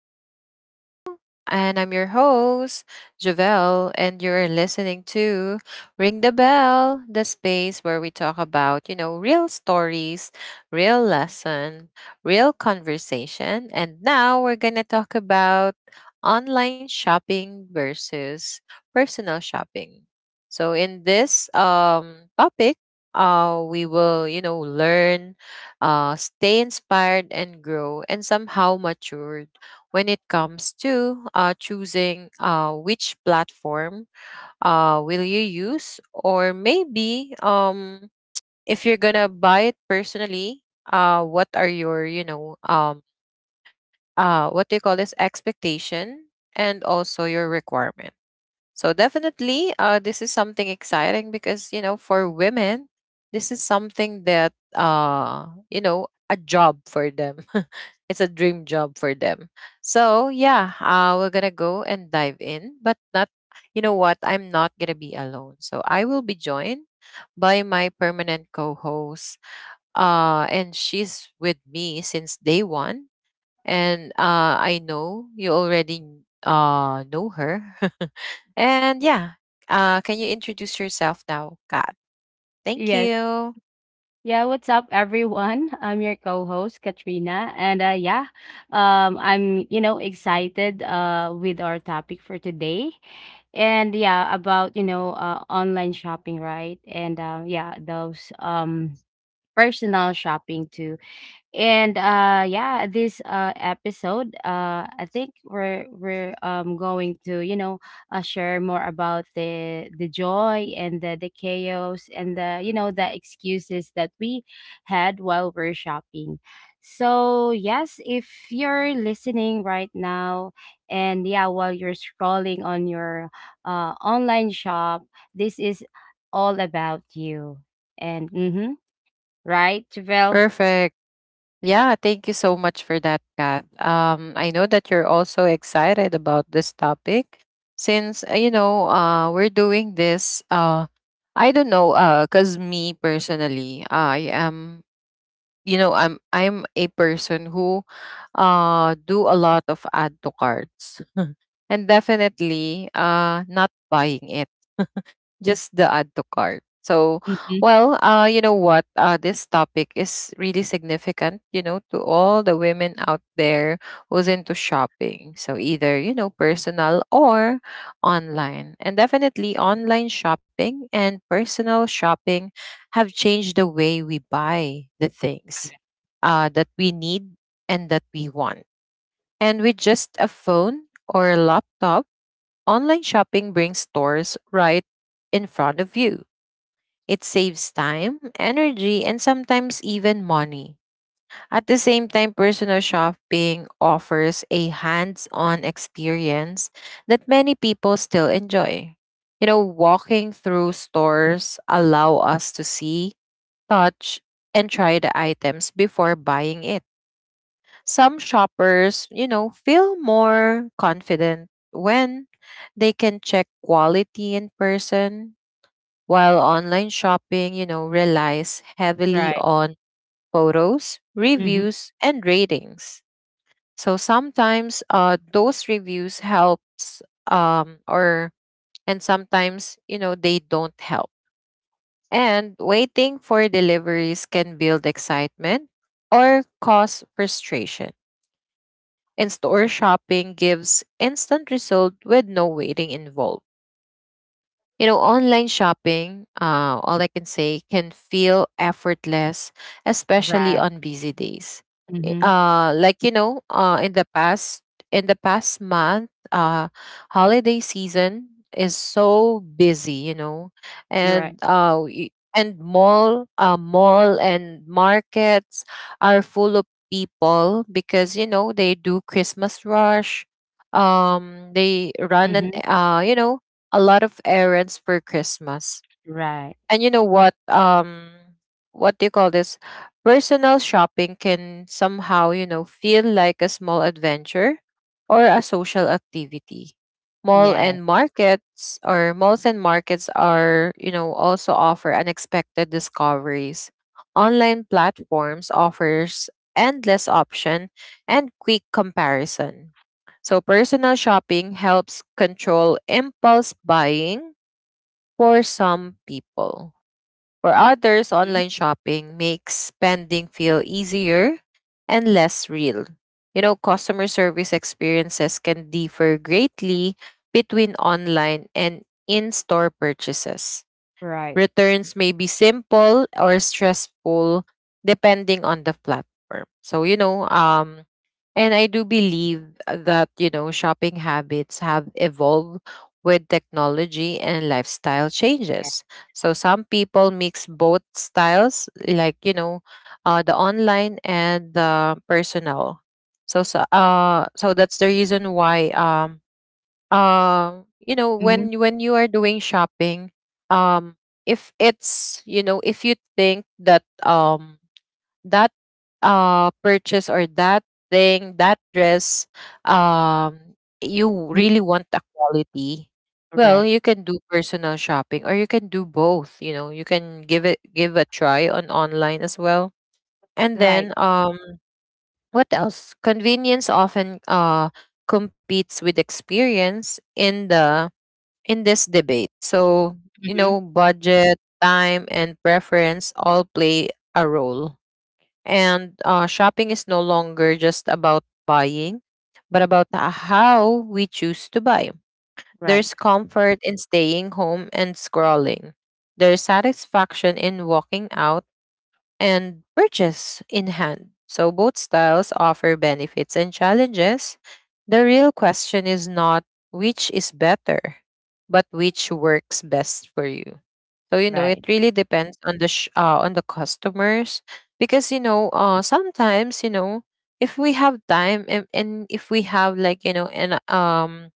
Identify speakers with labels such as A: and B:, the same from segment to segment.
A: back to the show. And I'm your host, Javelle, and you're listening to Ring the Bell, the space where we talk about, real stories, real lesson, real conversation. And now we're going to talk about online shopping versus personal shopping. So in this topic, we will, learn, stay inspired and grow and somehow matured when it comes to, choosing, which platform will you use, or maybe, if you're gonna buy it personally, what are your what do you call this, expectation and also your requirement. So definitely, this is something exciting because, for women, this is something that, a job for them. It's a dream job for them. So yeah, we're gonna go and dive in, but not. You know what? I'm not gonna be alone. So I will be joined by my permanent co-host. And she's with me since day one, and I know you already know her. And yeah, can you introduce yourself now, Kat? Thank
B: Yes.
A: you.
B: Yeah, what's up everyone? I'm your co-host Katrina and yeah, I'm excited with our topic for today. And yeah, about online shopping, right? And yeah, those personal shopping too and yeah this episode I think we're going to share more about the joy and the chaos and the you know the excuses that we had while we're shopping. So yes, if you're listening right now and yeah, while you're scrolling on your online shop, this is all about you. And mm-hmm, right Javel?
A: Perfect. Yeah, thank you so much for that, Kat. I know that you're also excited about this topic since, we're doing this. I don't know, because me personally, I am, I'm a person who do a lot of add to carts and definitely not buying it, just the add to cart. So,
B: Mm-hmm.
A: well, you know what? This topic is really significant, to all the women out there who's into shopping. So, either, personal or online. And definitely, online shopping and personal shopping have changed the way we buy the things that we need and that we want. And with just a phone or a laptop, online shopping brings stores right in front of you. It saves time, energy, and sometimes even money. At the same time, personal shopping offers a hands on experience that many people still enjoy. You know, walking through stores allow us to see, touch, and try the items before buying it. Some shoppers, feel more confident when they can check quality in person, while online shopping, relies heavily
B: Right.
A: on photos,
B: Mhm.
A: reviews, and ratings. So sometimes, those reviews helps, or and sometimes, they don't help. And waiting for deliveries can build excitement or cause frustration. In-store shopping gives instant result with no waiting involved. You know, online shopping, all I can say, can feel effortless, especially
B: Right.
A: on busy days.
B: Mhm.
A: Like, you know, in the past month, holiday season is so busy. You know,
B: Right.
A: and mall, mall and markets are full of people because they do Christmas rush. They run an,
B: Mhm.
A: a lot of errands for Christmas.
B: Right.
A: And you know what? What do you call this? Personal shopping can somehow, feel like a small adventure or a social activity. Mall
B: Yes.
A: and markets, or malls and markets, are, also offer unexpected discoveries. Online platforms offers endless option and quick comparison. So personal shopping helps control impulse buying for some people. For others,
B: Mhm.
A: online shopping makes spending feel easier and less real. You know, customer service experiences can differ greatly between online and in store purchases.
B: Right.
A: Returns may be simple or stressful depending on the platform. So, and I do believe that, shopping habits have evolved with technology and lifestyle
B: Yeah.
A: changes. So some people mix both styles, like, the online and the personal. So, that's the reason why, you know,
B: Mhm.
A: when you are doing shopping, um if it's, if you think that, that, purchase, or that thing, that dress, um you
B: Mm.
A: really want a quality. Well,
B: Right.
A: you can do personal shopping, or you can do both. You know, you can give a try on online as well. And
B: Right.
A: then, what else, convenience often competes with experience in the, in this debate. So, you
B: Mhm.
A: know, budget, time, and preference all play a role. And shopping is no longer just about buying, but about how we choose to buy.
B: Right.
A: There's comfort in staying home and scrolling. There's satisfaction in walking out and purchase in hand. So both styles offer benefits and challenges. The real question is not which is better, but which works best for you. So it
B: Right.
A: really depends on on the customers because, sometimes, if we have time, and if we have, like, an,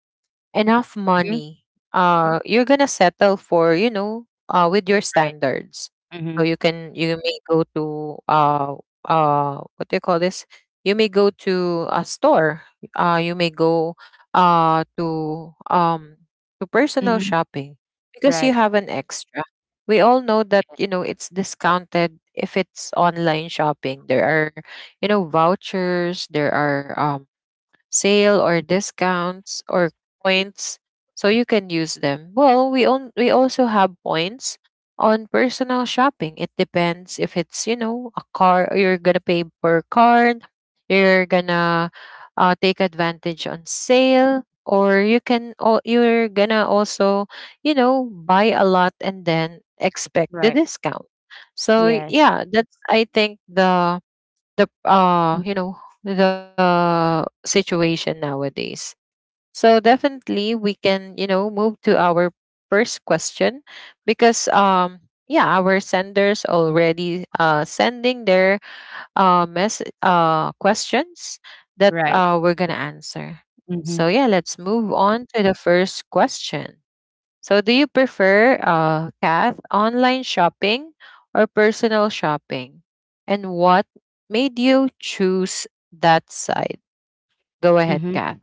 A: enough
B: Mhm.
A: money, you're gonna settle for, with your
B: Right.
A: standards. So
B: Mhm.
A: you may go to, what do you call this? You may go to a store. You may go to, to personal
B: Mhm.
A: shopping, because you
B: Right.
A: have an extra. We all know that, it's discounted if it's online shopping. There are, vouchers. There are, sale or discounts or
B: Mm.
A: points, so you can use them. Well, we also have points on personal shopping. It depends if it's, a car you're going to pay per card, you're going to take advantage on sale, or you're going to also, buy a lot and then expect the
B: Right.
A: discount. So
B: Yes.
A: yeah, that's, I think, the you know the situation nowadays. So definitely we can, move to our first question, because, yeah, our senders already, sending their, mess questions that,
B: Right.
A: we're gonna answer.
B: Mhm.
A: So yeah, let's move on to the first question. So, do you prefer, Kath, online shopping or personal shopping? And what made you choose that side? Go ahead,
B: Mhm.
A: Kath.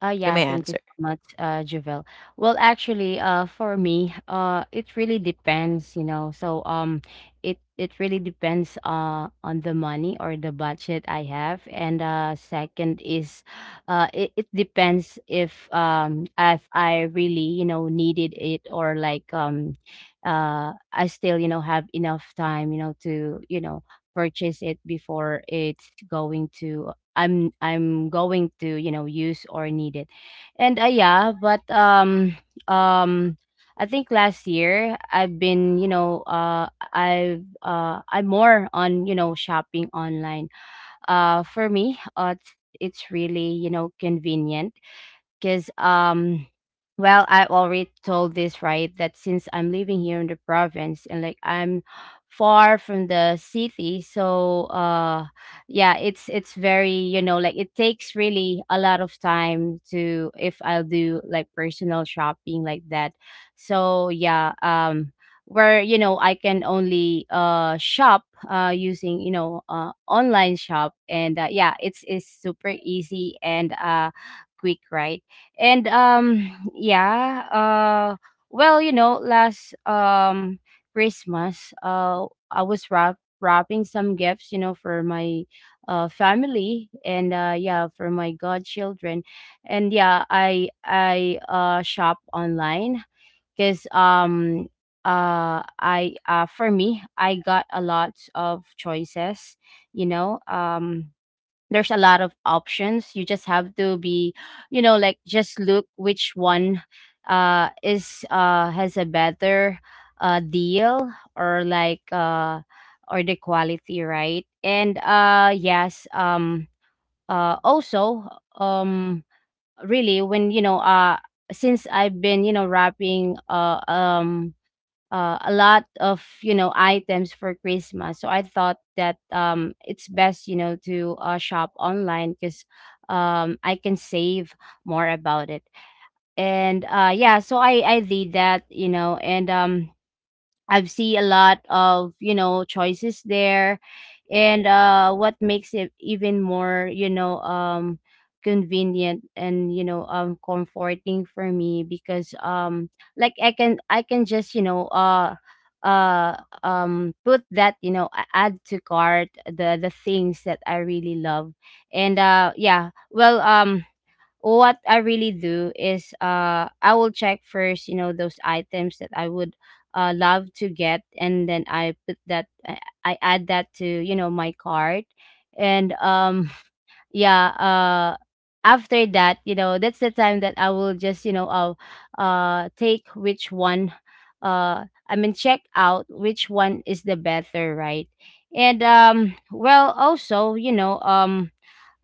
B: Oh,
A: You
B: yeah,
A: may
B: thank you
A: answer.
B: so much, Javel. Well, actually, for me, it really depends, you know. So, it really depends, on the money or the budget I have, and second is, it depends if I really needed it, or like I still have enough time to purchase it before it's going to I'm going to use or need it, and yeah, but um I think last year I've been I'm more on shopping online. For me, it's really convenient because, well, I already told this, right? That since I'm living here in the province and like I'm far from the city, so yeah, it's very like it takes really a lot of time to if I'll do like personal shopping like that. So yeah, where I can only shop using online shop, and yeah, it's super easy and quick, right? And yeah, well, last Christmas, I was wrapping some gifts for my family, and yeah, for my godchildren. And yeah, I shop online because I for me, I got a lot of choices. you know um there's a lot of options, you just have to be like just look which one is has a better deal or like or the quality, right? And yes, also, um really when since I've been wrapping a lot of items for Christmas. So I thought that it's best to shop online because I can save more about it. And yeah, so I did that, and I've seen a lot of, you know, choices there. And what makes it even more, you know, convenient and comforting for me because like I can just, you know, uh put that add to cart the things that I really love. And yeah, well, what I really do is I will check first, you know, those items that I would love to get, and then I add that to, you know, my cart. And yeah, uh after that, you know, that's the time that I will just, you know, I'll take which one I mean check out which one is the better, right? And well, also, you know, um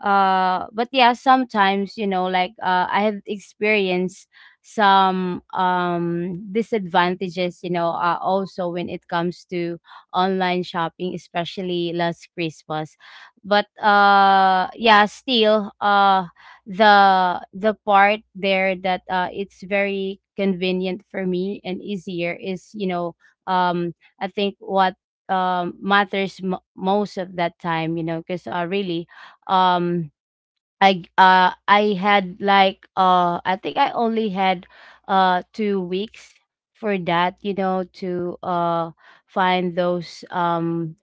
B: uh but yeah, sometimes like I have experienced some disadvantages, also, when it comes to online shopping, especially last Christmas. But yeah, still the part there that it's very convenient for me and easier is, um I think what matters most of that time, because really, um I think I only had 2 weeks for that, to find those um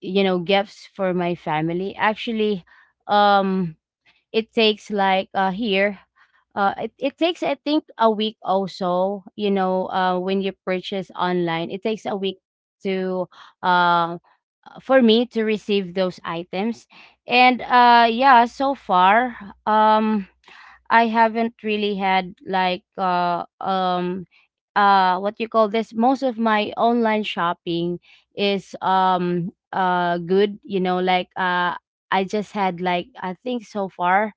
B: you know gifts for my family. Actually, um it takes like here, it takes I think a week also, when you purchase online it takes a week to um for me to receive those items. And yeah, so far, um I haven't really had like what you call this, most of my online shopping is good, like I just had like, I think so far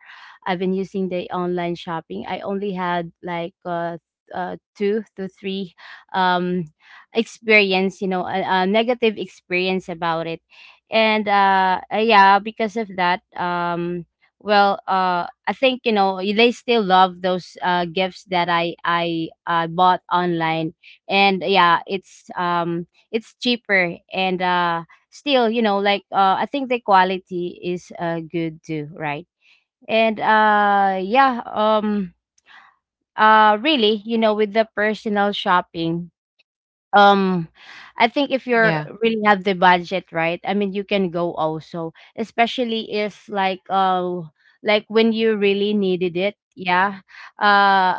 B: I've been using the online shopping, I only had like two to three um experience, a negative experience about it. And yeah, because of that, well, I think, you know, they still love those gifts that I bought online. And yeah, it's cheaper, and still, you know, like I think the quality is good too, right? And yeah, really, you know, with the personal shopping, um, I think if you're
A: Yeah.
B: really have the budget, right? I mean, you can go also, especially if like like when you really needed it. Yeah. Uh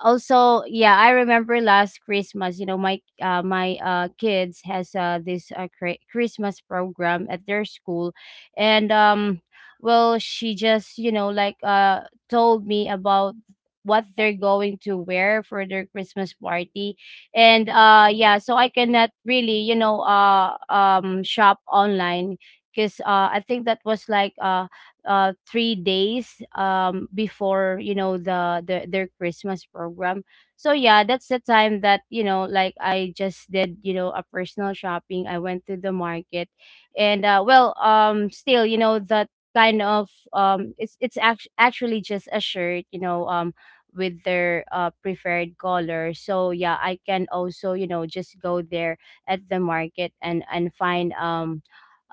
B: also, yeah, I remember last Christmas, you know, my my kids has this Christmas program at their school, and well, she just, you know, like told me about what they're going to wear for their Christmas party. And yeah, so I cannot really, shop online because I think that was like 3 days before, you know, the their Christmas program. So yeah, that's the time that, like, I just did, you know, a personal shopping. I went to the market, and well, still, you know, that kind of it's actually just a shirt, with their preferred color. So yeah, I can also, you know, just go there at the market and find um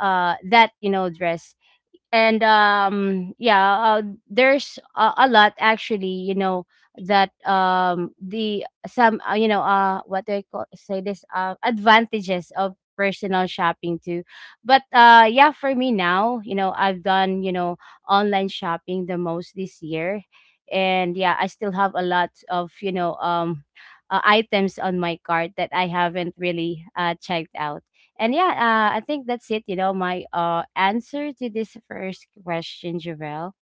B: uh that, you know, dress. And yeah, there's a lot actually, you know, that the some, what do I call, say this, advantages of personal shopping too. But yeah, for me now, you know, I've done, you know, online shopping the most this year, and yeah, I still have a lot of, items on my cart that I haven't really checked out. And yeah, I think that's it. You know, my answer to this first question, Javelle.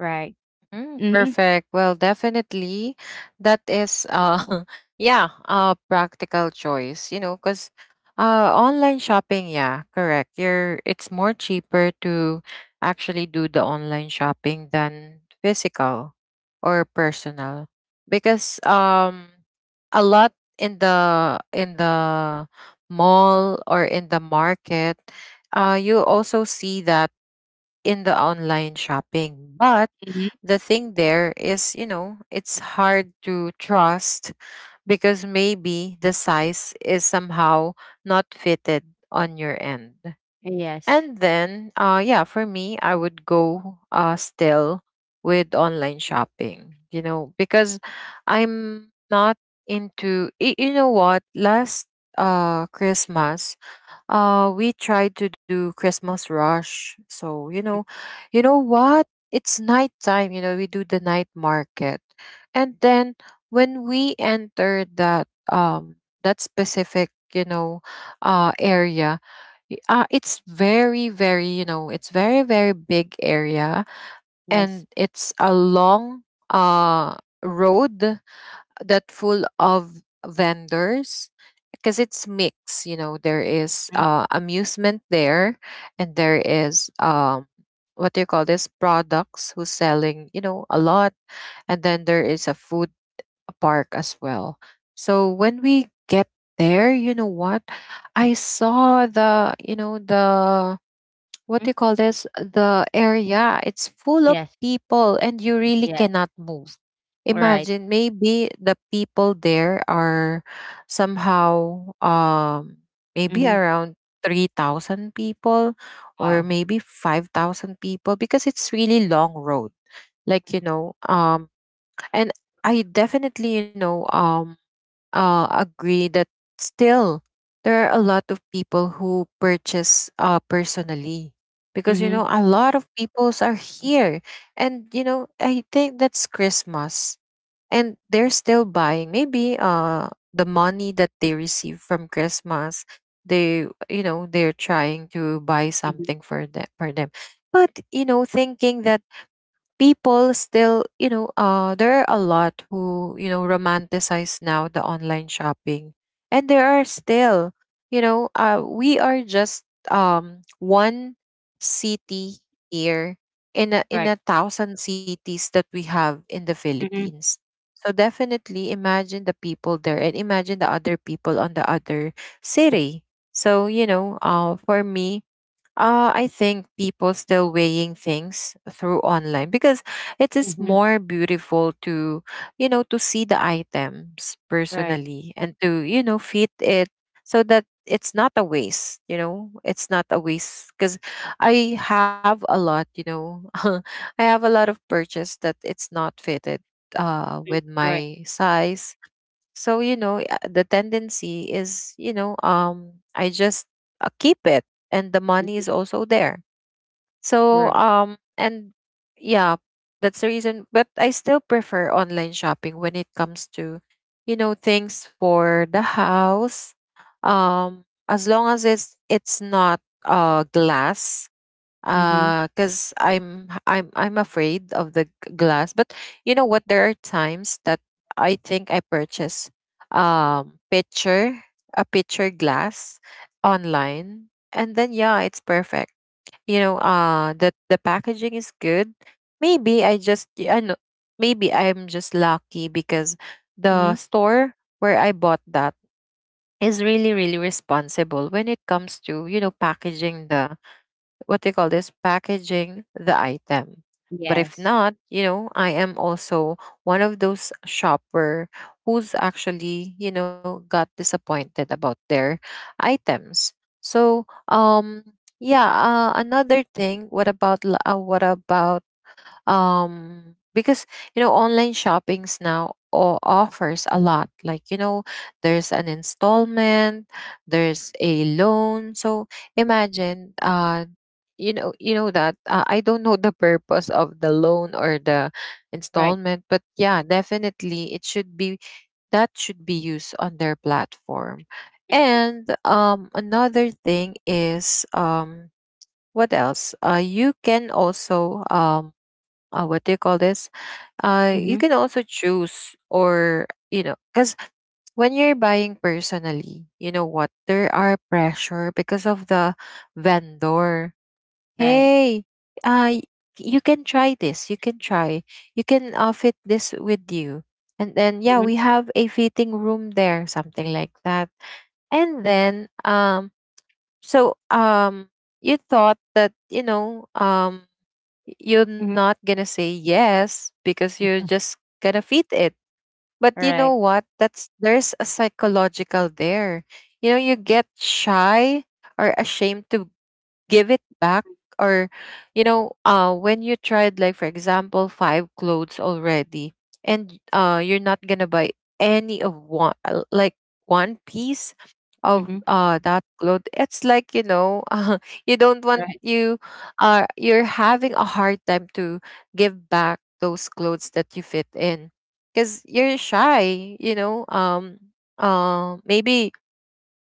B: Right.
A: Mm,
B: Mm-hmm.
A: perfect. Well, definitely that is yeah, a practical choice, cuz online shopping, yeah, correct. You're it's more cheaper to actually do the online shopping than physical or personal, because, a lot in the mall or in the market, you also see that in the online shopping, but
B: Mm-hmm.
A: the thing there is, you know, it's hard to trust, because maybe the size is somehow not fitted on your end.
B: Yes.
A: And then, yeah, for me, I would go, still with online shopping, you know, because I'm not into, you know what, last, Christmas, we tried to do Christmas rush. So, you know what? It's nighttime, we do the night market. And then when we enter that, that specific, area, it's very, very big area,
B: Yes.
A: and it's a long uh road that full of vendors because it's mixed, there is, amusement there, and there is, what do you call this, products who's selling, a lot, and then there is a food park as well. So when we get there, you know what, I saw the, what
B: Mm-hmm.
A: do you call this, the area, it's full of
B: Yes.
A: people and you really
B: Yes.
A: cannot move.
B: Right.
A: Imagine, maybe the people there are somehow, maybe
B: Mm-hmm.
A: around 3,000 people or
B: Wow.
A: maybe 5,000 people, because it's really long road, like, and I definitely, agree that still there are a lot of people who purchase, personally, because,
B: Mm-hmm. Mm-hmm.
A: a lot of peoples are here. And, I think that's Christmas, and they're still buying, maybe, the money that they receive from Christmas, they, they're trying to buy something for them, for them. But, thinking that people still, there are a lot who, romanticize now the online shopping. And there are still, we are just, one city here,
B: Right.
A: in a thousand cities that we have in the
B: Mm-hmm.
A: Philippines. So definitely imagine the people there and imagine the other people on the other city. So, for me, I think people still weighing things through online, because it is
B: Mm-hmm.
A: more beautiful to, to see the items
B: Right.
A: personally, and to, fit it, so that it's not a waste, you know, it's not a waste because I have a lot, you know, I have a lot of purchase that it's not fitted
B: Mhm.
A: with
B: Right.
A: my size. So, the tendency is, I just, keep it, and the money
B: Mhm.
A: is also there. So,
B: Right.
A: and yeah, that's the reason. But I still prefer online shopping when it comes to, things for the house. As long as it's not glass
B: Mm-hmm.
A: because I'm afraid of the glass. But you know what, there are times that I purchase picture a picture glass online, and then yeah, it's perfect. You know, the packaging is good. Maybe I know, maybe I'm just lucky because
B: Mm-hmm.
A: the store where I bought that is really really responsible when it comes to, you know, packaging the, what they call this, packaging the item. But if
B: Yes.
A: not, you know, I am also one of those shopper who's actually, you know, got disappointed about their items. So, yeah, another thing, what about, because you know online shoppings now offers a lot. Like you know, there's an installment, there's a loan. So imagine, you know, that I don't know the purpose of the loan or the
B: Right.
A: installment, but yeah, definitely it should be, that should be used on their platform. And another thing is, what else, you can also, what do you call this? You
B: Mm-hmm.
A: can also choose, or you know, because when you're buying personally, you know what, there are pressure because of the vendor.
B: Right.
A: Hey, uh, y- you can try this. You can try. You can fit this with you, and then yeah,
B: Mm-hmm.
A: we have a fitting room there, something like that. And then so you thought that, you know, you're
B: Mm-hmm.
A: not gonna say yes because you're just gonna feed it. But you
B: Right.
A: know what? That's, there's a psychological there. You know, you get shy or ashamed to give it back, or you know, when you tried, like for example, five clothes already, and you're not gonna buy any of one, like one piece of
B: Mm-hmm.
A: that cloth, it's like, you know, you don't want
B: Right.
A: you, you're having a hard time to give back those clothes that you fit in because you're shy, you know. Maybe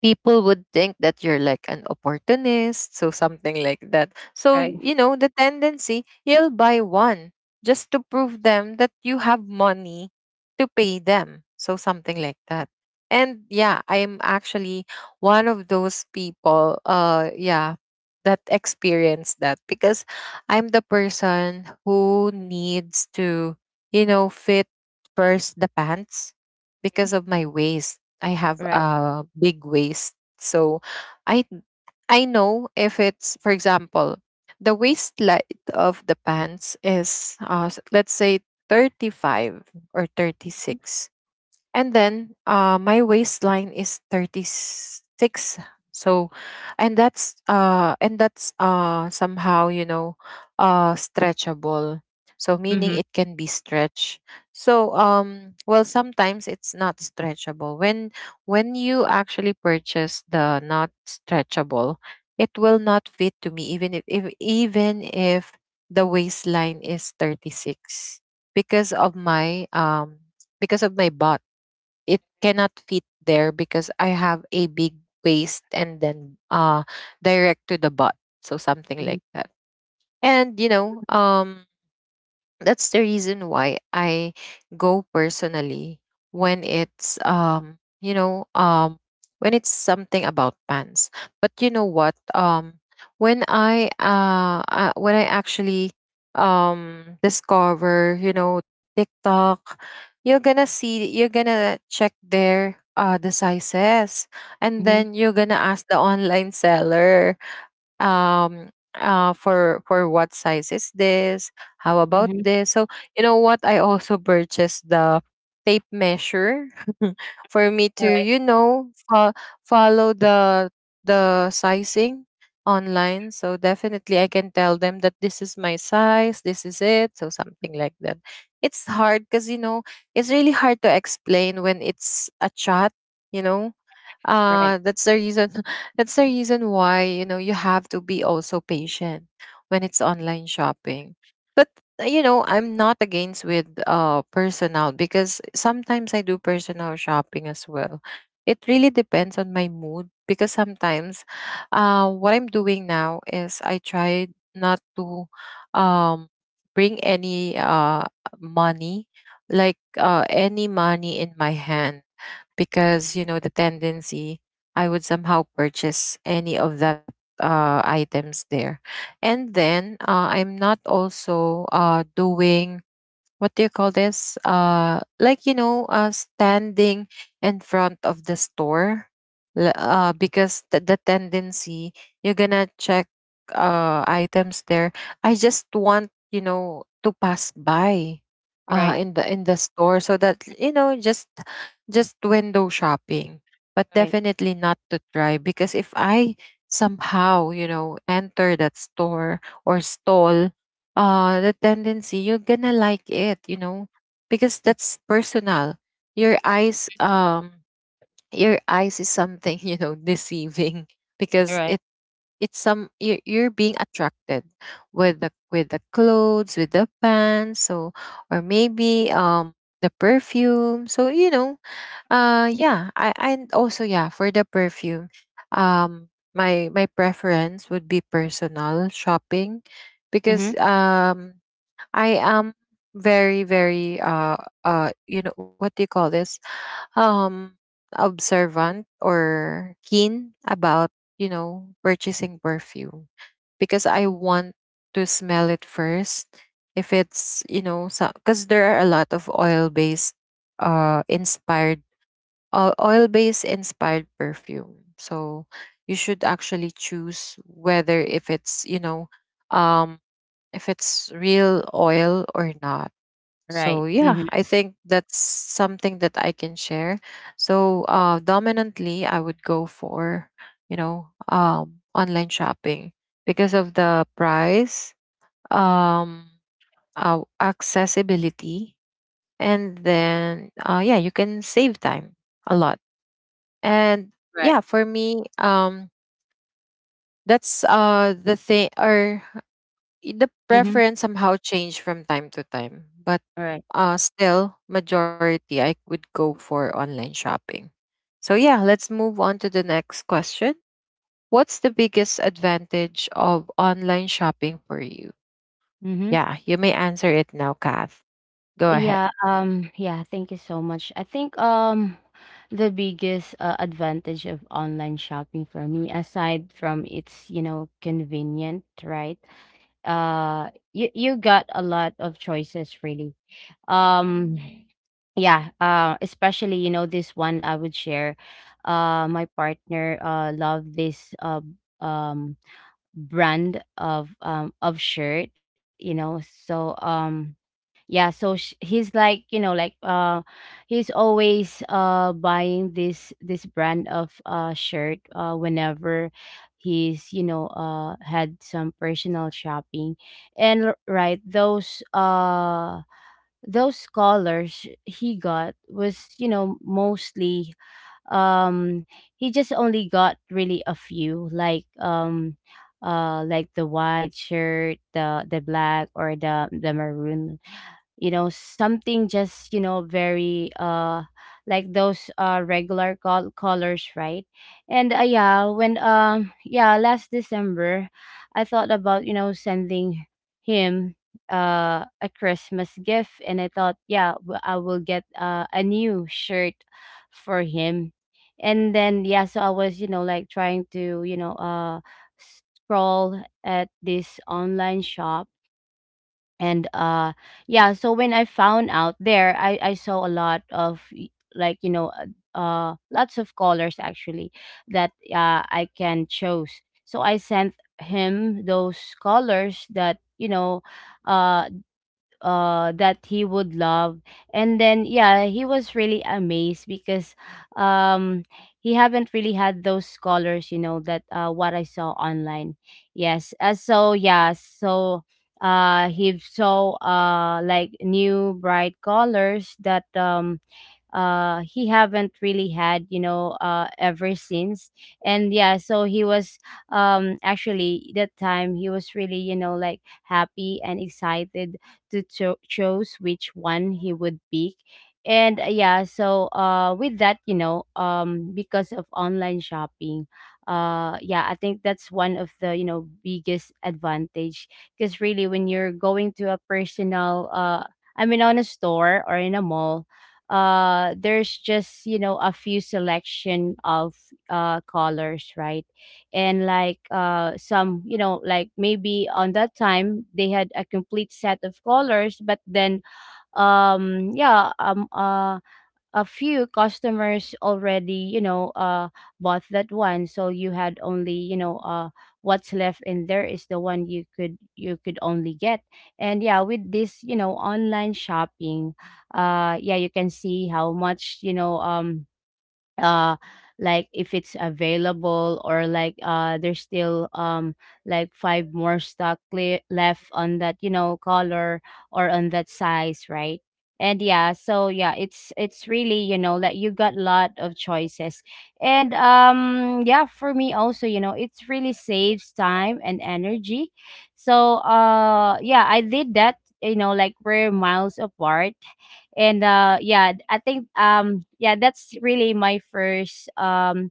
A: people would think that you're like an opportunist, so something like that. So,
B: Right.
A: you know, the tendency, you'll buy one just to prove them that you have money to pay them. So, something like that. And yeah, I'm actually one of those people, yeah, that experience that because I'm the person who needs to, you know, fit first the pants
B: Mhm.
A: because of my waist. I have
B: Right.
A: a big waist. So I I know if it's, for example, the waist light of the pants is let's say 35 or thirty
B: Mm-hmm.
A: six. And then my waistline is 36. So, and that's somehow, you know, stretchable. So meaning it can be stretched. So well, sometimes it's not stretchable. When you actually purchase the not stretchable, it will not fit to me, even if even if the waistline is 36 because of my um because of my butt. It cannot fit there because I have a big waist and then direct to the butt. So something like
B: Mm-hmm.
A: that. And you know, that's the reason why I go personally when it's, you know, when it's something about pants. But you know what, when I actually discover, you know, TikTok, you're gonna see, you're gonna check their the sizes, and
B: Mm-hmm.
A: then you're gonna ask the online seller, um for what size is this, how about
B: Mm-hmm.
A: this. So you know what, I also purchased the tape measure for me to,
B: Right.
A: you know, follow the sizing online. So definitely I can tell them that this is my size, this is it, so something like that. It's hard because, you know, it's really hard to explain when it's a chat, you know.
B: Right.
A: That's the reason, that's the reason why, you know, you have to be also patient when it's online shopping. But you know, I'm not against with personal, because sometimes I do personal shopping as well. It really depends on my mood, because sometimes what I'm doing now is I try not to, um bring any money, like any money in my hand, because you know the tendency I would somehow purchase any of that, items there. And then I'm not also doing, what do you call this? Like you know, standing in front of the store, because the tendency, you're gonna check items there. I just want, you know, to pass by,
B: Right.
A: in the store, so that you know, just window shopping, but
B: Right.
A: definitely not to try. Because if I somehow, you know, enter that store or stall, the tendency, you're gonna like it, you know, because that's personal. Your eyes, your eyes is something you know, deceiving. Because
B: Right.
A: it's some, you're being attracted with the, with the clothes, with the pants. So, or maybe the perfume. So you know, yeah, i, and also yeah, for the perfume, um my preference would be personal shopping, because
B: Mhm.
A: I am very, very, you know, what do you call this? Um Observant or keen about, you know, purchasing perfume, because I want to smell it first. If it's, you know, because there are a lot of oil-based inspired, oil-based inspired perfume. So you should actually choose whether, if it's, you know, um if it's real oil or not.
B: Right.
A: So
B: Mhm.
A: yeah, I think that's something that I can share. So dominantly, I would go for, you know, online shopping because of the price, um accessibility, and then yeah, you can save time a lot. And
B: Right.
A: yeah, for me, that's the thing, or the
B: Mhm.
A: preference somehow change from time to time, but
B: Right.
A: still majority I would go for online shopping. So yeah, let's move on to the next question. What's the biggest advantage of online shopping for you?
B: Mhm.
A: Yeah, you may answer it now, Kath. Go ahead.
B: Yeah, yeah, thank you so much. I think the biggest advantage of online shopping for me, aside from its, you know, convenient, right? You got a lot of choices really. Um yeah, especially, you know, this one I would share. My partner love this um brand of shirt, you know. So yeah, he's like, you know, like he's always buying this brand of shirt whenever he's, you know, had some personal shopping. And right, those scholars he got was, you know, mostly, um he just only got really a few, like the white shirt, the black, or the maroon, you know, something just, you know, very like those regular colors, right? And yeah, when, yeah, last December, I thought about, you know, sending him a Christmas gift, and I thought, yeah, I will get a new shirt for him. And then yeah, so I was, you know, like trying to, you know, scroll at this online shop. And yeah, so when I found out there, I saw a lot of like, you know, lots of colors actually that I can choose. So I sent him those colors that, uh that he would love. And then yeah, he was really amazed because um he haven't really had those scholars, you know, that what I saw online. Yes, so yeah, so he saw like new bright colors that he haven't really had, you know, ever since. And yeah, so he was, actually, that time he was really, you know, like happy and excited to choose which one he would pick. And yeah, so with that, because of online shopping, yeah, I think that's one of the biggest advantage. Because really when you're going to a personal, I mean, on a store or in a mall, there's just, a few selection of colors, right? And like, some, like maybe on that time they had a complete set of colors, but then, yeah, a few customers already, bought that one, so you had only, what's left in there is the one you could only get. And yeah, with this, online shopping, yeah, you can see how much, uh like, if it's available, or like, there's still, like, five more stock left on that, color, or on that size, right? And yeah, so yeah, it's really, like, you got lot of choices. And yeah, for me also, it's really saves time and energy. So yeah, I did that, like we're miles apart. And yeah, I think, yeah, that's really my first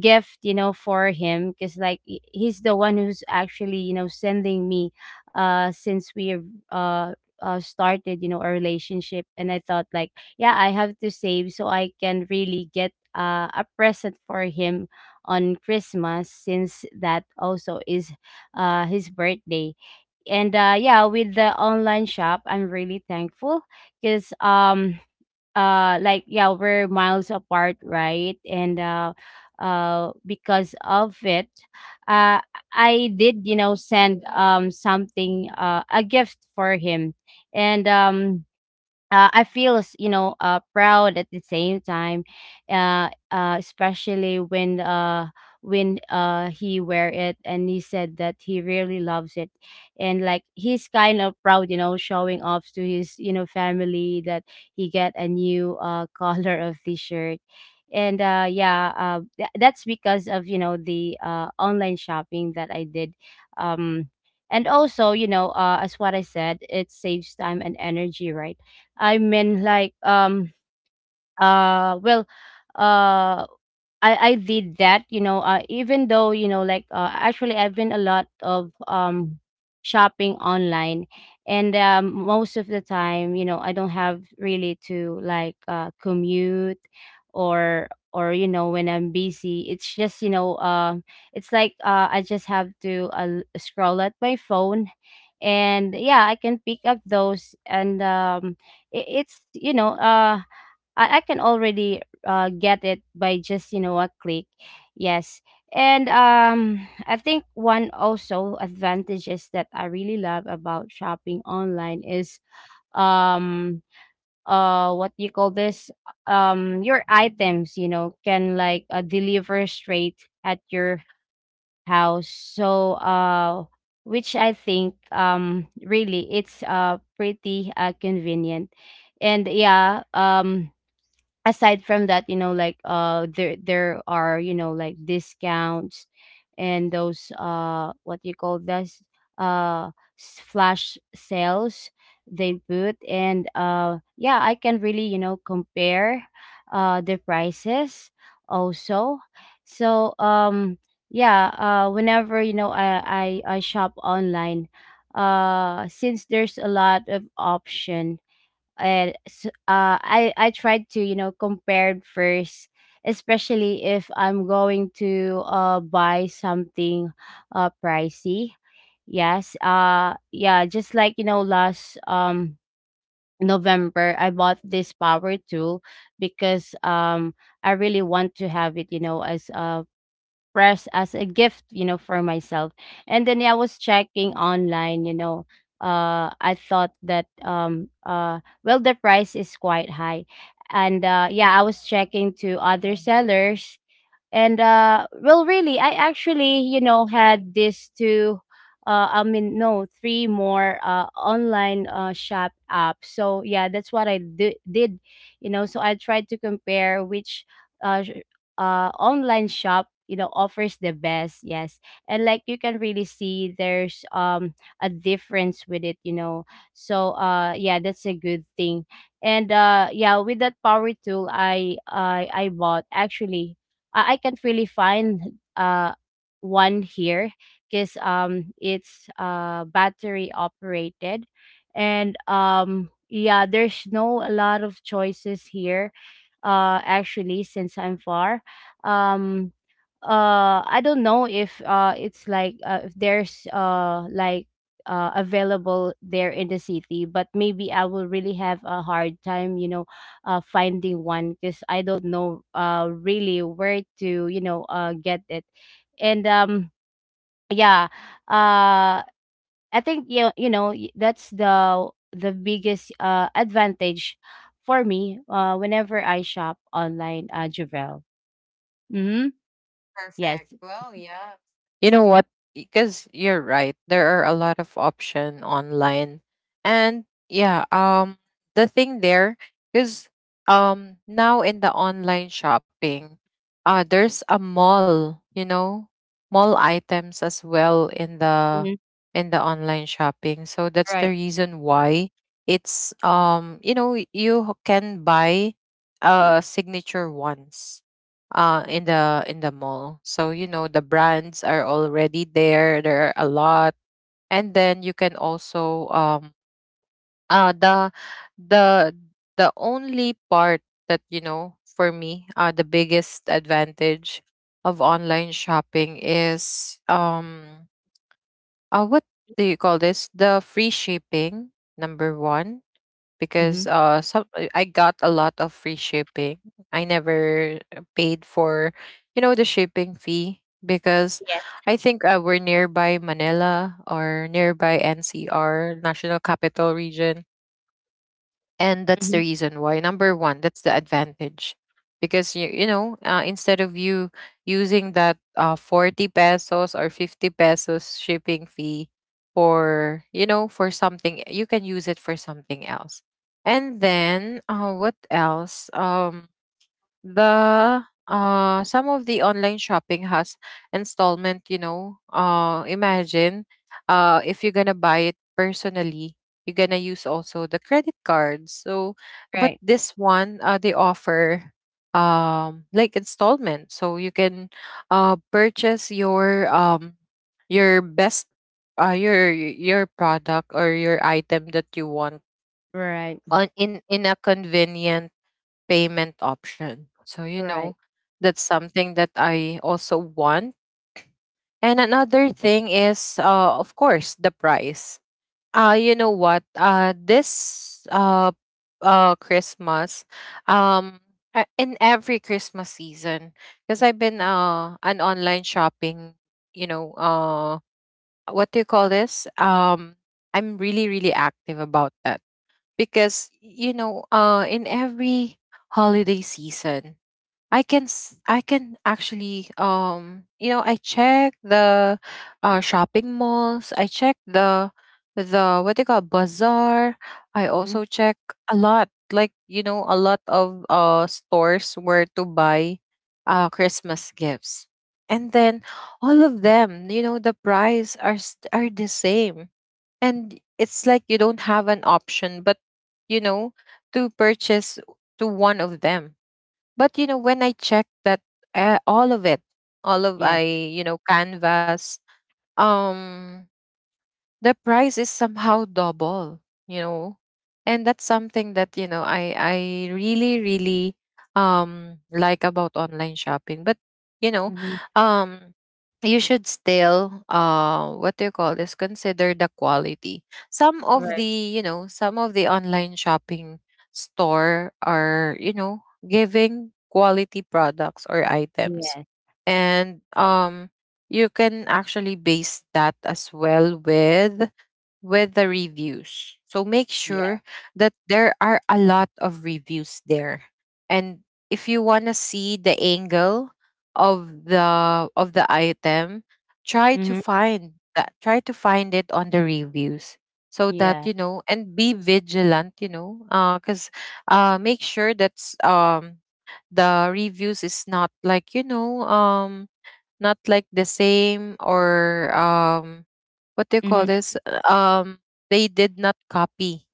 B: gift, for him, because like, he's the one who's actually, sending me since we have, uh started, a relationship. And I thought, like, yeah, I have to save so I can really get a present for him on Christmas, since that also is his birthday. And yeah, with the online shop, I'm really thankful because, like, yeah, we're miles apart, right? And because of it, uh I did, send something, a gift for him. And I feel, proud at the same time, especially when he wear it and he said that he really loves it, and like he's kind of proud, showing off to his, family that he get a new color of the shirt, and yeah, that's because of, the online shopping that I did. Um, and also, as what I said, it saves time and energy, right? I mean, like, uh, well, uh, I did that, even though, like, actually I've been a lot of shopping online. And most of the time, I don't have really to like, commute, or or, when I'm busy, it's just, it's like, I just have to scroll at my phone, and yeah, I can pick up those, and it's, I can already get it by just, a click. Yes. And I think one also advantages that I really love about shopping online is, um what you call this, your items, can like, deliver straight at your house, so, which I think, really it's pretty, convenient. And yeah, aside from that, like, there are, like, discounts, and those, what you call this, uh flash sales they put. And yeah, I can really, compare the prices also. So yeah, whenever, I shop online since there's a lot of option. And s I tried to, compare first, especially if I'm going to buy something pricey. Yes, yeah, just like, last November, I bought this power tool because, I really want to have it, as a press, as a gift, for myself. And then yeah, I was checking online, I thought that, well, the price is quite high, and yeah, I was checking to other sellers, and well, really, I actually, had this two, I mean, no, three more online shop apps, so yeah, that's what I did. So I tried to compare which, uh sh- online shop, offers the best. Yes. And like, you can really see there's, a difference with it. So yeah, that's a good thing. And yeah, with that power tool I bought, actually, I can't really find one here because, it's battery operated, and yeah, there's no a lot of choices here. Actually, since I'm far, um I don't know if, it's like, if there's, like, available there in the city, but maybe I will really have a hard time, finding one, because I don't know, really where to, get it, and yeah, uh, I think, that's the biggest advantage for me, whenever I shop online, Javel. Mm-hmm. Yes.
A: Perfect. Well,
B: Mhm.
A: yeah. You know what? Because you're right, there are a lot of option online. And yeah, the thing there is, now in the online shopping, there's a mall, you know, mall items as well, in the
B: Mhm.
A: online shopping. So that's
B: Right.
A: the reason why it's, you know, you can buy signature ones in the, mall. So you know, the brands are already there, there are a lot. And then you can also, the the the only part that, you know, for me, the biggest advantage of online shopping is, what do you call this, the free shipping, number 1. Because
B: Mhm.
A: some I got a lot of free shipping. I never paid for, you know, the shipping fee because
B: Yes.
A: I think we're nearby Manila, or nearby NCR, National Capital Region, and that's the
B: Mhm.
A: reason why, number one, that's the advantage. Because you know, instead of you using that 40 pesos or 50 pesos shipping fee, for you know, for something, you can use it for something else. And then what else, the some of the online shopping has installment. You know, imagine, if you're gonna buy it personally, you're gonna use also the credit cards. So, but
B: Right.
A: this one, they offer, like installment, so you can purchase your, your best, your product or your item that you want,
B: Right.
A: on in a convenient payment option. So you
B: Right.
A: know, that's something that I also want. And another thing is, of course, the price. You know what? This Christmas, um, in every Christmas season, because I've been an online shopping, you know, what do you call this? I'm really really active about that because you know in every holiday season I can actually you know I check the shopping malls. I check the what they call bazaar. I
B: Mhm.
A: also check a lot, like, you know, a lot of stores where to buy Christmas gifts, and then all of them, you know, the price are the same, and it's like you don't have an option but, you know, to purchase to one of them. But you know, when I checked that, all of it, all of I,
B: Yes.
A: you know, canvas, um, the price is somehow double, you know. And that's something that you know I really really like about online shopping. But you know,
B: Mhm.
A: um you should still what do you call this, consider the quality. Some of
B: Right.
A: the, you know, some of the online shopping store are, you know, giving quality products or items.
B: Yes.
A: And you can actually base that as well with the reviews, so make sure
B: Yes.
A: that there are a lot of reviews there. And if you want to see the angle of the item, try to
B: Mhm.
A: find that, try to find it on the reviews, so that,
B: Yeah.
A: you know, and be vigilant, you know, because make sure that um the reviews is not like, you know, not like the same, or what do you call
B: Mhm.
A: this, um they did not copy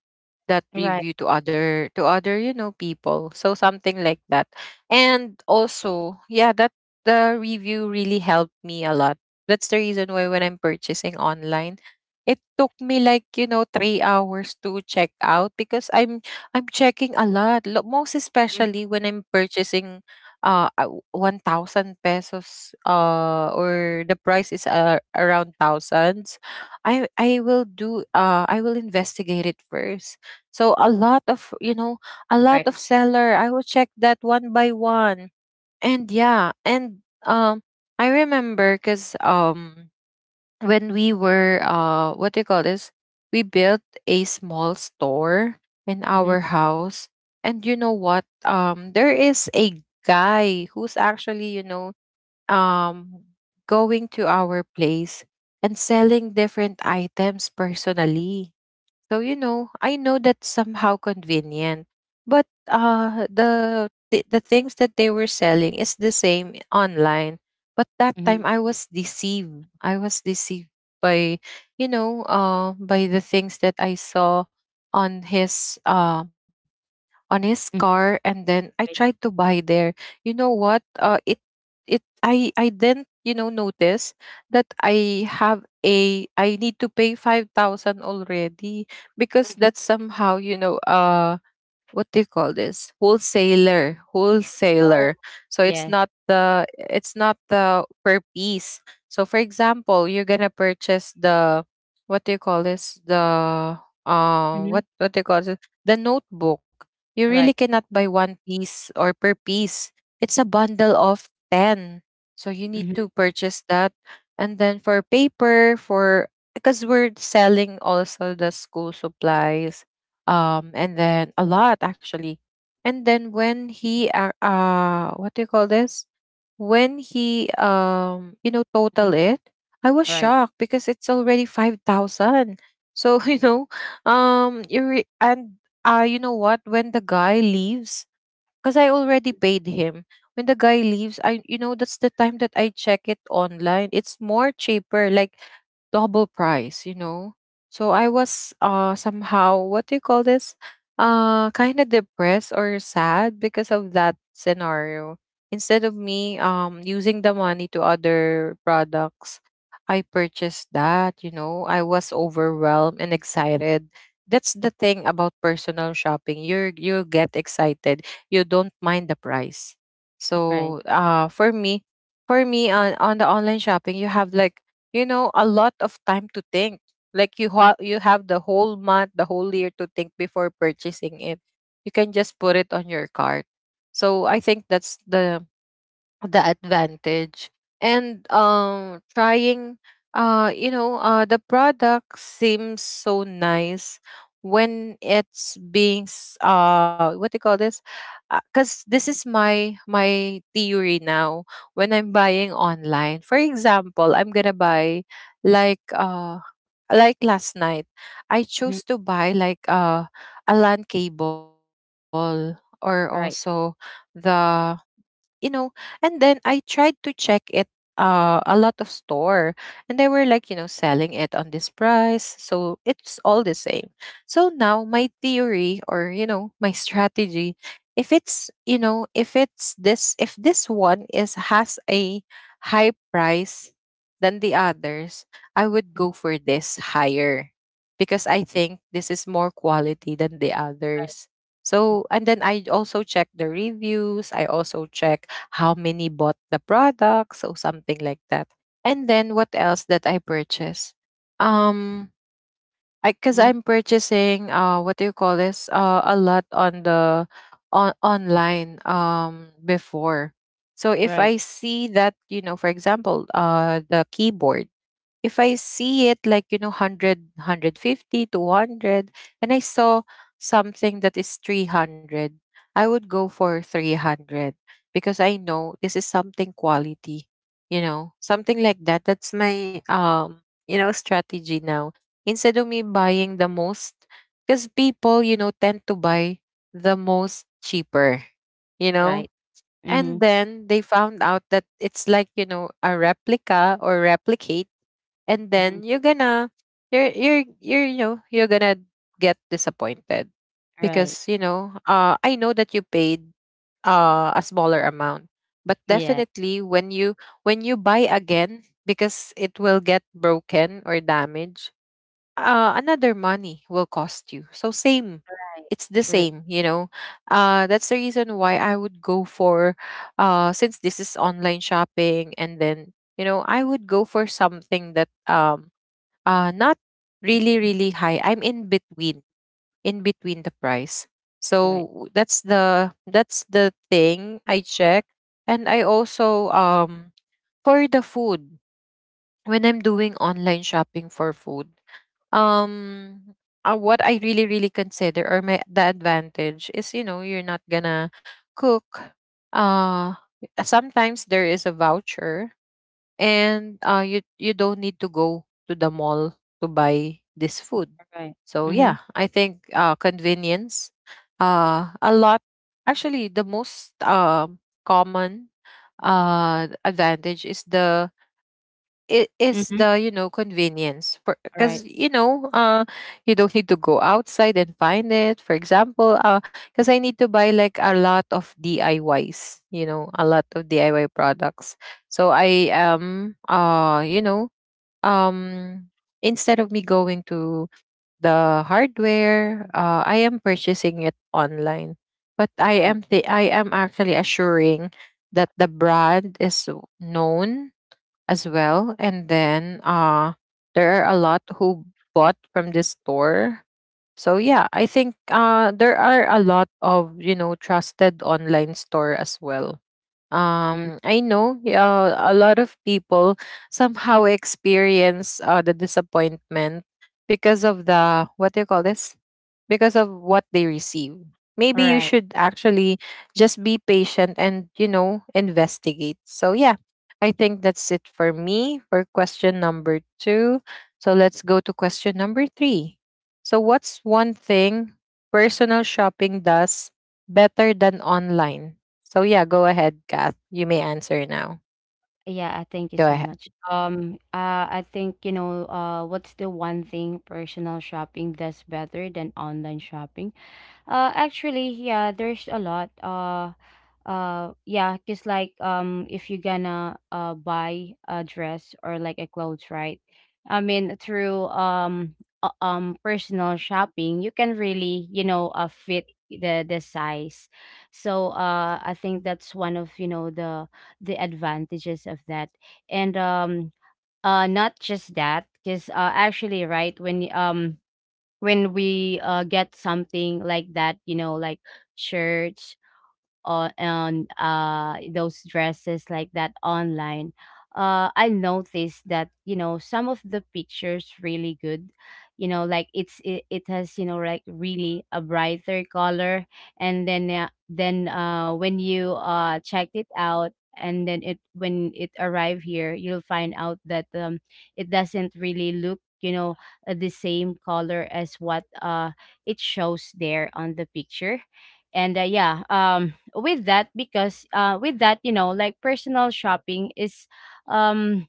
A: that
B: Right.
A: review to other you know people, so something like that. And also, yeah, that the review really helped me a lot. That's the reason why when I'm purchasing online, it took me like, you know, 3 hours to check out, because I'm checking a lot, most
B: Mhm.
A: especially when I'm purchasing 1000 pesos, or the price is around thousands. I will do I will investigate it first. So a lot of, you know, a lot of
B: Right.
A: seller. I will check that one by one. And yeah, and I remember, cuz when we were what do you call this, we built a small store in
B: Mhm.
A: our house. And you know what? There is a guy who's actually, you know, um going to our place and selling different items personally. So you know, I know that's somehow convenient, but the things that they were selling is the same online. But that time
B: Mhm.
A: I was deceived. I was deceived by, you know, by the things that I saw on his uh, on his car,
B: Mhm.
A: and then I tried to
B: Right.
A: buy there. You know what? It it I then, you know, notice that I have a I need to pay 5,000 already, because
B: Mhm.
A: that's somehow, you know, what do you call this, wholesaler. Wholesaler,
B: Oh.
A: so it's
B: Yes.
A: not the, it's not the per piece. So for example, you're gonna purchase the, what do you call this, the
B: Mhm.
A: what do you call it, the notebook. You really
B: Right.
A: cannot buy one piece or per piece. It's a bundle of 10, so you need
B: Mhm,
A: to purchase that. And then for paper for, because we're selling also the school supplies, and then a lot actually. And then when he what do you call this, when he you know,
B: mhm.
A: total it, I was
B: Right.
A: shocked because it's already 5,000. So you know, you re- and you know what, when the guy leaves, because I already paid him, when the guy leaves, I, you know, that's the time that I check it online, it's more cheaper, like double price, you know. So I was somehow, what do you call this, kind of depressed or sad because of that scenario. Instead of me using the money to other products, I purchased that, you know. I was overwhelmed and excited. That's the thing about personal shopping. You get excited. You don't mind the price.
B: Right.
A: So for me on the online shopping, you have like, you know, a lot of time to think, like you have the whole month, the whole year, to think before purchasing it. You can just put it on your cart. So I think that's the advantage. And trying you know, the product seems so nice when what do you call this, because this is my theory now. When I'm buying online, for example, I'm gonna buy like uh like last night, I
B: Mhm.
A: chose to buy like a lan cable, or also
B: Right.
A: the, you know. And then I tried to check it a lot of store, and they were like, you know, selling it on this price, so it's all the same. So now my theory, or, you know, my strategy, if it's, you know, if it's this, if this one is has a high price than the others, I would go for this higher, because I think this is more quality than the others. So, and then I also check the reviews. I also check how many bought the product, so something like that. And then what else that I purchase? Um, I, because
B: Mhm.
A: I'm purchasing, what do you call this, a lot on the on online, before. So if
B: Right.
A: I see that, you know, for example, the keyboard, if I see it like, you know, 100, and I saw something that is 300, I would go for 300, because I know this is something quality, you know, something like that. That's my, you know, strategy now. Instead of me buying the most, because people, you know, tend to buy the most cheaper, you know,
B: Right.
A: and
B: Mhm.
A: then they found out that it's like, you know, a replica or replicate, and then
B: Mhm.
A: you're gonna, you know, you're gonna get disappointed,
B: Right.
A: because you know, I know that you paid a smaller amount. But
B: Yeah.
A: definitely when you, when you buy again, because it will get broken or damaged, another money will cost you. So same,
B: Right.
A: it's the
B: True.
A: same, you know. That's the reason why I would go for, since this is online shopping, and then you know I would go for something that not really really high. I'm in between the price.
B: Right.
A: So that's the thing I check. And I also for the food, when I'm doing online shopping for food, um what I really really consider, or my the advantage is, you know, you're not gonna cook. uh sometimes there is a voucher, and you you don't need to go to the mall to buy this food.
B: Right.
A: So
B: Mhm.
A: yeah, I think convenience, a lot. Actually, the most common advantage is the it is
B: Mhm.
A: the, you know, convenience. For because
B: Right.
A: you know, you don't need to go outside and find it. For example, because I need to buy like a lot of DIYs, you know, a lot of DIY products. So I am, you know, um instead of me going to the hardware, I am purchasing it online. But
B: Right.
A: I am actually assuring that the brand is known as well. And then there are a lot who bought from this store. So yeah, I think there are a lot of, you know, trusted online store as well.
B: Mhm.
A: I know, a lot of people somehow experience the disappointment because of the, what do you call this, because of what they receive. Maybe you
B: Right.
A: should actually just be patient and, you know, investigate. So yeah, I think that's it for me for question number 2. So let's go to question number 3. So what's one thing personal shopping does better than online? So yeah, go ahead, Kath. You may answer now.
B: Yeah, I thank you
A: Go
B: so
A: ahead.
B: much. I think, what's the one thing personal shopping does better than online shopping? Actually, yeah, there's a lot. Yeah, cause like, if you're gonna buy a dress or like a clothes, right? I mean, through, personal shopping, you can really, fit the size. So I think that's one of, the advantages of that, and not just that, cause actually, right, when when we get something like that, you know, like shirts on, on those dresses like that online. I noticed that, some of the pictures really good, like, it has, like, really a brighter color, and then when you checked it out, and then it when it arrived here, you'll find out that, it doesn't really look, the same color as what it shows there on the picture. And yeah, with that, because, with that, like, personal shopping is, um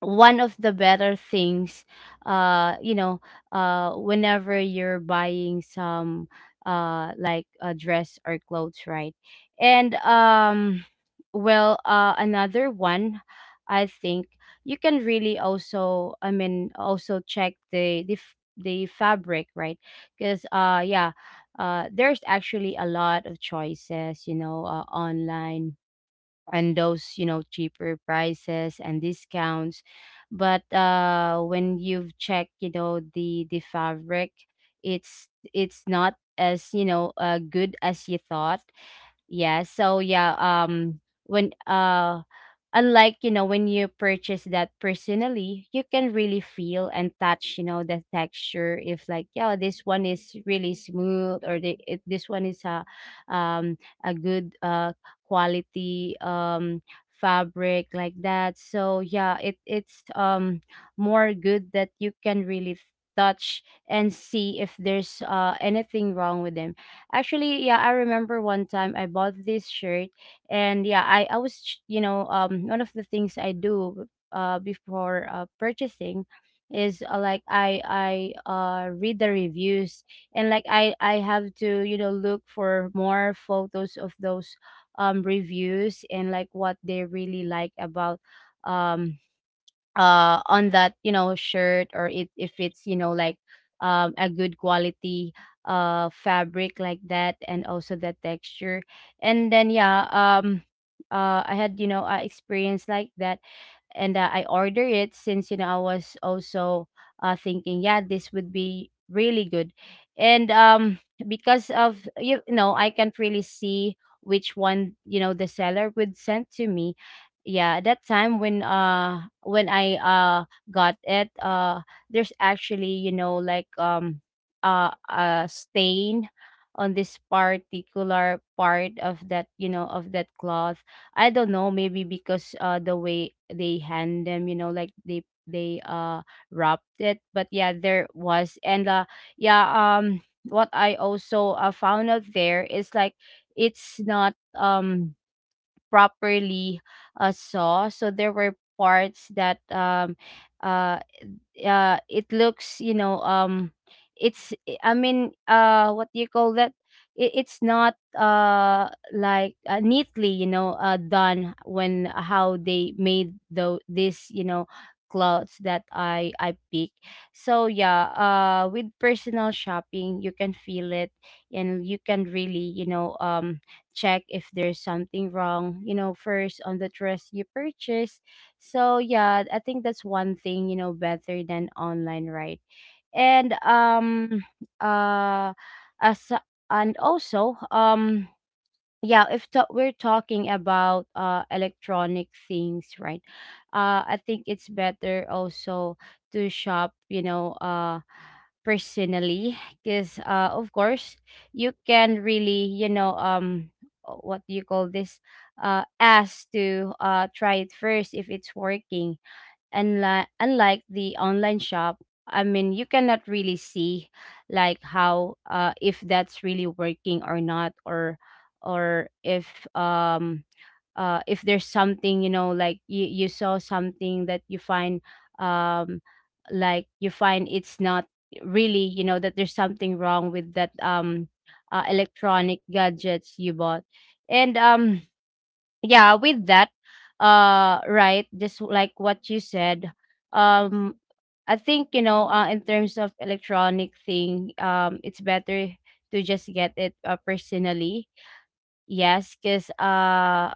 B: one of the better things, uh you know whenever you're buying some, like, a dress or clothes, right? And well, another one, I think, you can really also, I mean, also check the fabric, right? Because yeah, there's actually a lot of choices, online, and those, cheaper prices and discounts, but when you've checked, the fabric, it's not as, good as you thought. Yeah, so yeah, when unlike, when you purchase that personally, you can really feel and touch, the texture, if like, yeah, this one is really smooth, or this one is a, um a good quality, fabric like that. So yeah, it's more good that you can really touch and see if there's anything wrong with them. Actually, yeah, I remember one time I bought this shirt, and yeah, I was ch- you know one of the things I do before purchasing is, like I read the reviews, and like I have to, look for more photos of those, reviews, and like what they really like about, um on that, shirt, or it, if it's, like, a good quality fabric like that, and also the texture. And then yeah, I had, a experience like that, and I order it since, I was also thinking, yeah, this would be really good, and because of, I can't really see which one, the seller would send to me. Yeah, that time when I got it, there's actually, like, a stain on this particular part of that, of that cloth. I don't know, maybe because the way they hand them, like they wrapped it, but yeah, there was. And yeah, what I also found out there is, like, it's not, properly saw. So there were parts that uh, it looks, you know it's I mean what do you call that, it's not like neatly, done when how they made the this, you know, clothes that I pick. So yeah, with personal shopping you can feel it, and you can really, you know, check if there's something wrong, you know, first on the dress you purchase. So yeah, I think that's one thing, you know, better than online, right? And uh as and also yeah, if ta- we're talking about electronic things, right? I think it's better also to shop, you know, personally, because of course you can really, you know, what do you call this, ask to try it first if it's working. Unlike the online shop, I mean, you cannot really see like how if that's really working or not, or or if um if there's something, you know, like you saw something that you find, um like you find it's not really, you know, that there's something wrong with that, electronic gadgets you bought. And yeah, with that, right, just like what you said. um I think, you know, in terms of electronic thing, it's better to just get it, personally. Yes, because uh,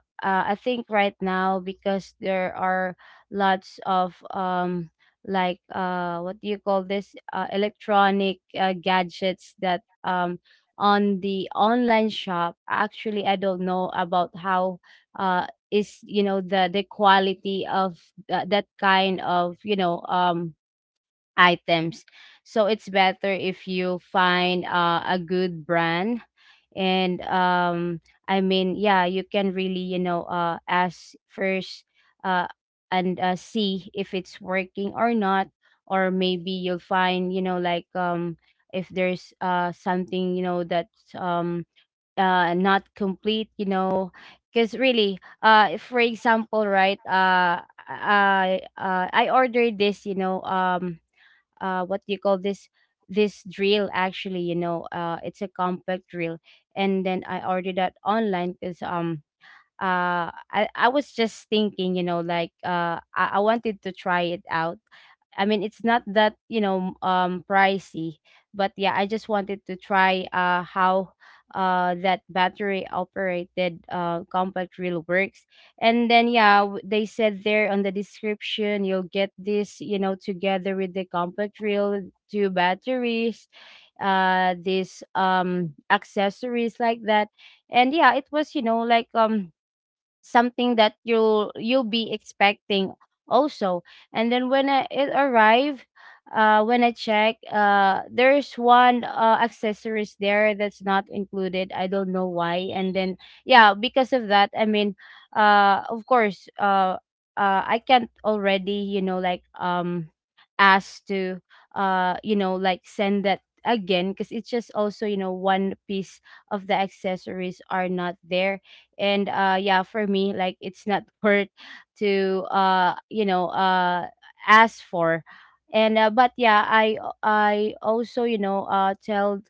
B: uh, I think right now because there are lots of, like what do you call this, electronic, gadgets that, on the online shop, actually I don't know about how uh is, you know, the quality of that kind of, you know, items. So it's better if you find a good brand. And I mean, yeah, you can really, you know, ask first. Uh and See if it's working or not, or maybe you'll find, you know, like, if there's something, you know, that's, not complete, you know. Because really, if, for example, right, I ordered this, you know, what do you call this, this drill, actually, you know, it's a compact drill, and then I ordered that online because, I was just thinking, you know, like, I wanted to try it out. I mean, it's not that, you know, pricey, but yeah, I just wanted to try how that battery operated compact reel works. And then yeah, they said there on the description you'll get this, you know, together with the compact reel, two batteries, this accessories like that. And yeah, it was, you know, like, something that you'll be expecting also. And then when it arrived, when I check, there's one accessories there that's not included, I don't know why. And then yeah, because of that, I mean, of course, I can't already, you know, like, ask to you know, like, send that again, because it's just also, you know, one piece of the accessories are not there. And yeah, for me like it's not worth to you know, ask for. And but yeah, I also, you know, tell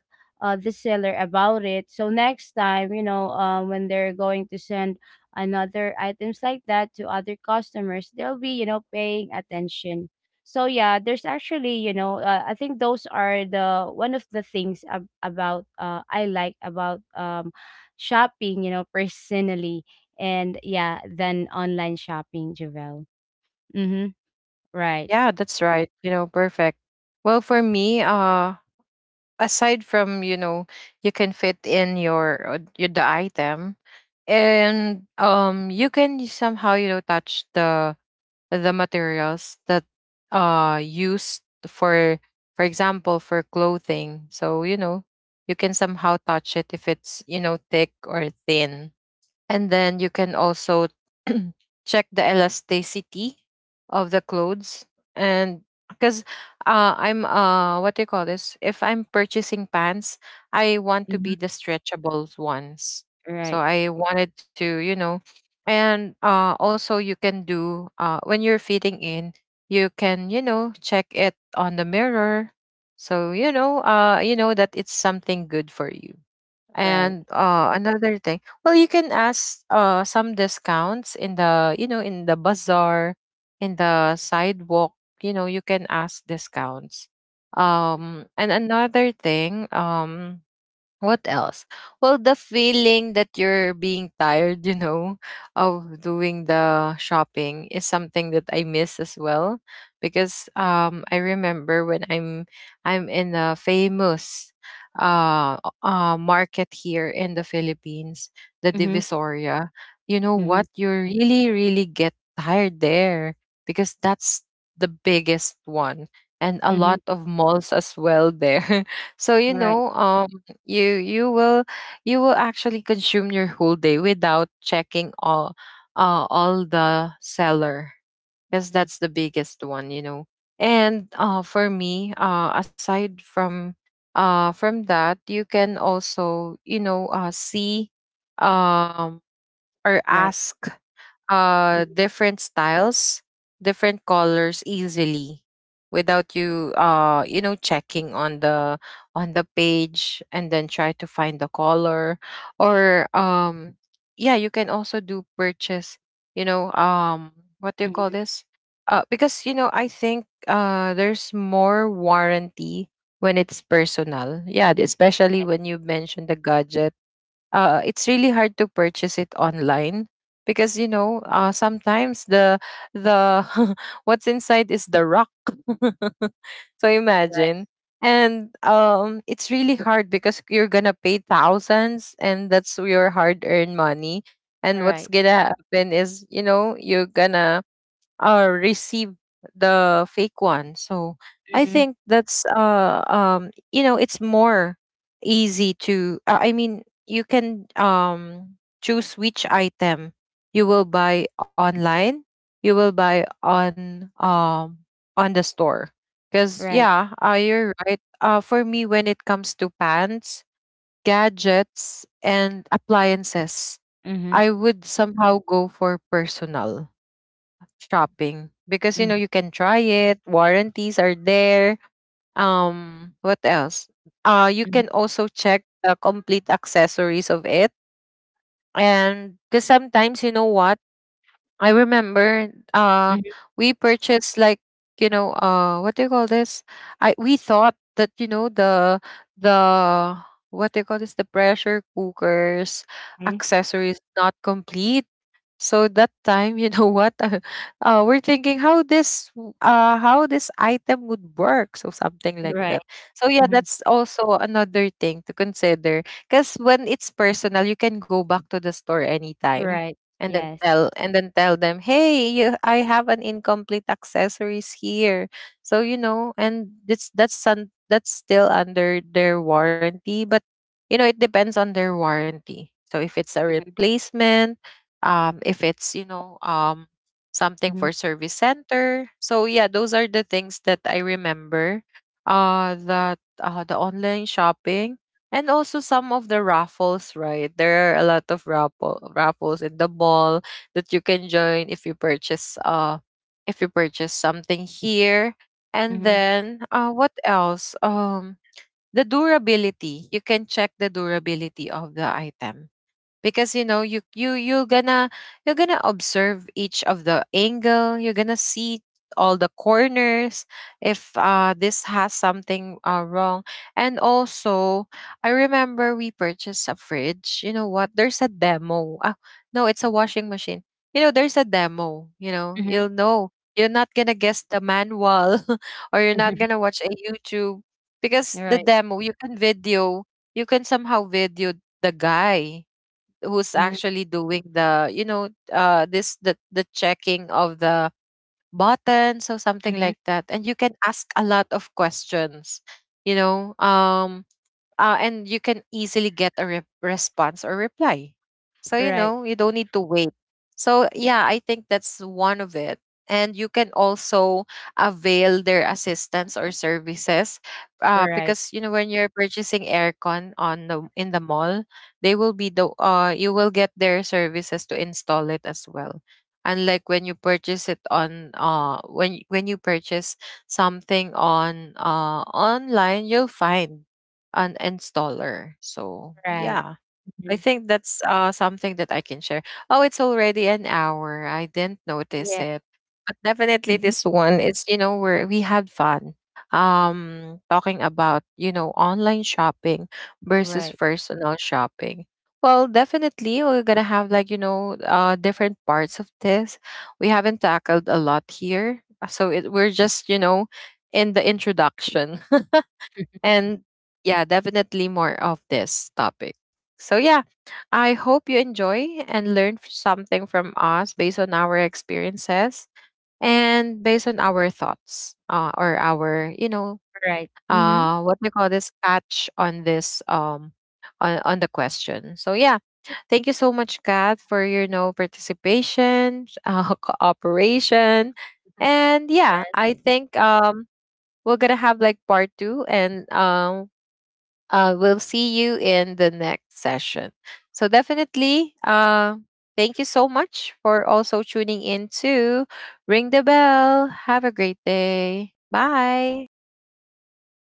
B: the seller about it, so next time, you know, when they're going to send another items like that to other customers, they'll be, you know, paying attention. So yeah, there's actually, you know, I think those are the one of the things about, I like about, shopping, you know, personally. And yeah, than online shopping, Javel. Mm-hmm. Right.
A: Yeah, that's right. You know, perfect. Well, for me, aside from, you know, you can fit in your, the item, and you can somehow, you know, touch the materials that used for example, for clothing. So you know, you can somehow touch it if it's, you know, thick or thin. And then you can also check the elasticity of the clothes. And because I'm, what do you call this, if I'm purchasing pants, I want to
B: Mm-hmm.
A: be the stretchable ones. So
B: Right.
A: I wanted to, you know, and also you can do, when you're fitting in, you can, you know, check it on the mirror. So, you know that it's something good for you.
B: Right.
A: And another thing, well, you can ask some discounts in the, you know, in the bazaar, in the sidewalk, you know, you can ask discounts. And another thing, what else? Well, the feeling that you're being tired, you know, of doing the shopping is something that I miss as well, because I remember when I'm in a famous market here in the Philippines, the
B: Mm-hmm.
A: Divisoria. You know
B: Mm-hmm.
A: what? You really really get tired there, because that's the biggest one, and a
B: Mm-hmm.
A: lot of malls as well there. So you
B: Right.
A: know, you will you will actually consume your whole day without checking all all the seller because
B: Hmm.
A: that's the biggest one you know. And for me, aside from from that, you can also, you know, see, um, or
B: Right.
A: ask
B: Mm-hmm.
A: different styles, different colors easily without you you know checking on the page and then try to find the color. Or Yeah, you can also do purchase, you know um what do you call this, because you know, I think there's more warranty when it's personal, yeah, especially
B: Yes.
A: when you mentioned the gadget. It's really hard to purchase it online because, you know, sometimes the what's inside is the rock. So
B: Right.
A: imagine. And it's really hard because you're gonna pay thousands and that's your hard-earned money, and what's
B: Right.
A: gonna happen is, you know, you're gonna receive the fake one. So I
B: Mm-hmm.
A: think that's you know, it's more easy to I mean, you can choose which item you will buy online, you will buy on on the store. Cuz
B: Right.
A: yeah, you're right. Uh, for me, when it comes to pants, gadgets and appliances,
B: Mm-hmm.
A: I would somehow go for personal shopping because, you
B: Mm-hmm.
A: know, you can try it, warranties are there. Um, what else? You
B: Mm-hmm.
A: can also check the complete accessories of it. And because sometimes, you know what, I remember
B: Mm-hmm.
A: we purchased, like, you know, what do you call this, I we thought that, you know, the what do you call this, the pressure cookers accessories not complete. So that time, you know what? We're thinking how how this item would work, so something like
B: Right.
A: that. So yeah,
B: Mm-hmm.
A: that's also another thing to consider, because when it's personal, you can go back to the store anytime
B: Right.
A: and then
B: Yes.
A: tell and then tell them, "Hey, you, I have an incomplete accessories here." So, you know, and it's that's some that's still under their warranty, but you know, it depends on their warranty. So if it's a
B: Mm-hmm.
A: replacement, if it's, you know, something
B: Mm-hmm.
A: for service center. So yeah, those are the things that I remember, that the online shopping. And also some of the raffles, right, there are a lot of raffles in the mall that you can join if you purchase, if you purchase something here. And
B: Mm-hmm.
A: then, what else the durability, you can check the durability of the item, because you know, you're gonna you're gonna observe each of the angle, you're gonna see all the corners if this has something wrong. And also, I remember we purchased a fridge, you know what, there's a demo, ah no, it's a washing machine. You know, there's a demo, you know, you'll know, you're not gonna guess the manual or you're not
B: Mm-hmm.
A: gonna watch a YouTube, because the
B: Right.
A: demo, you can video, you can somehow video the guy who's
B: Mm-hmm.
A: actually doing the, you know, this the checking of the button, so something
B: Mm-hmm.
A: like that. And you can ask a lot of questions, you know. And you can easily get a response or reply. So you
B: Right.
A: know, you don't need to wait. So yeah, I think that's one of it. And you can also avail their assistance or services,
B: Right.
A: because you know, when you're purchasing aircon on the in the mall, they will be the you will get their services to install it as well. Unlike when you purchase it on when you purchase something on online, you'll find an installer. So
B: Right.
A: yeah,
B: Mm-hmm.
A: I think that's something that I can share. Oh, it's already an hour. I didn't notice
B: Yeah.
A: it. But definitely
B: Mm-hmm.
A: this one is, you know, where we had fun talking about, you know, online shopping versus
B: Right.
A: personal shopping. Well, definitely we're going to have, like, you know, different parts of this. We haven't tackled a lot here. So it, we're just, you know, in the introduction. And yeah, definitely more of this topic. So yeah, I hope you enjoy and learn something from us based on our experiences and based on our thoughts, or our, you know,
B: Right. Mm-hmm.
A: what we call this, catch on this on the question. So yeah, thank you so much, Kat, for your no participation, cooperation, and yeah, I think we're gonna have like part two. And We'll see you in the next session. So definitely, thank you so much for also tuning in to Ring the Bell. Have a great day. Bye.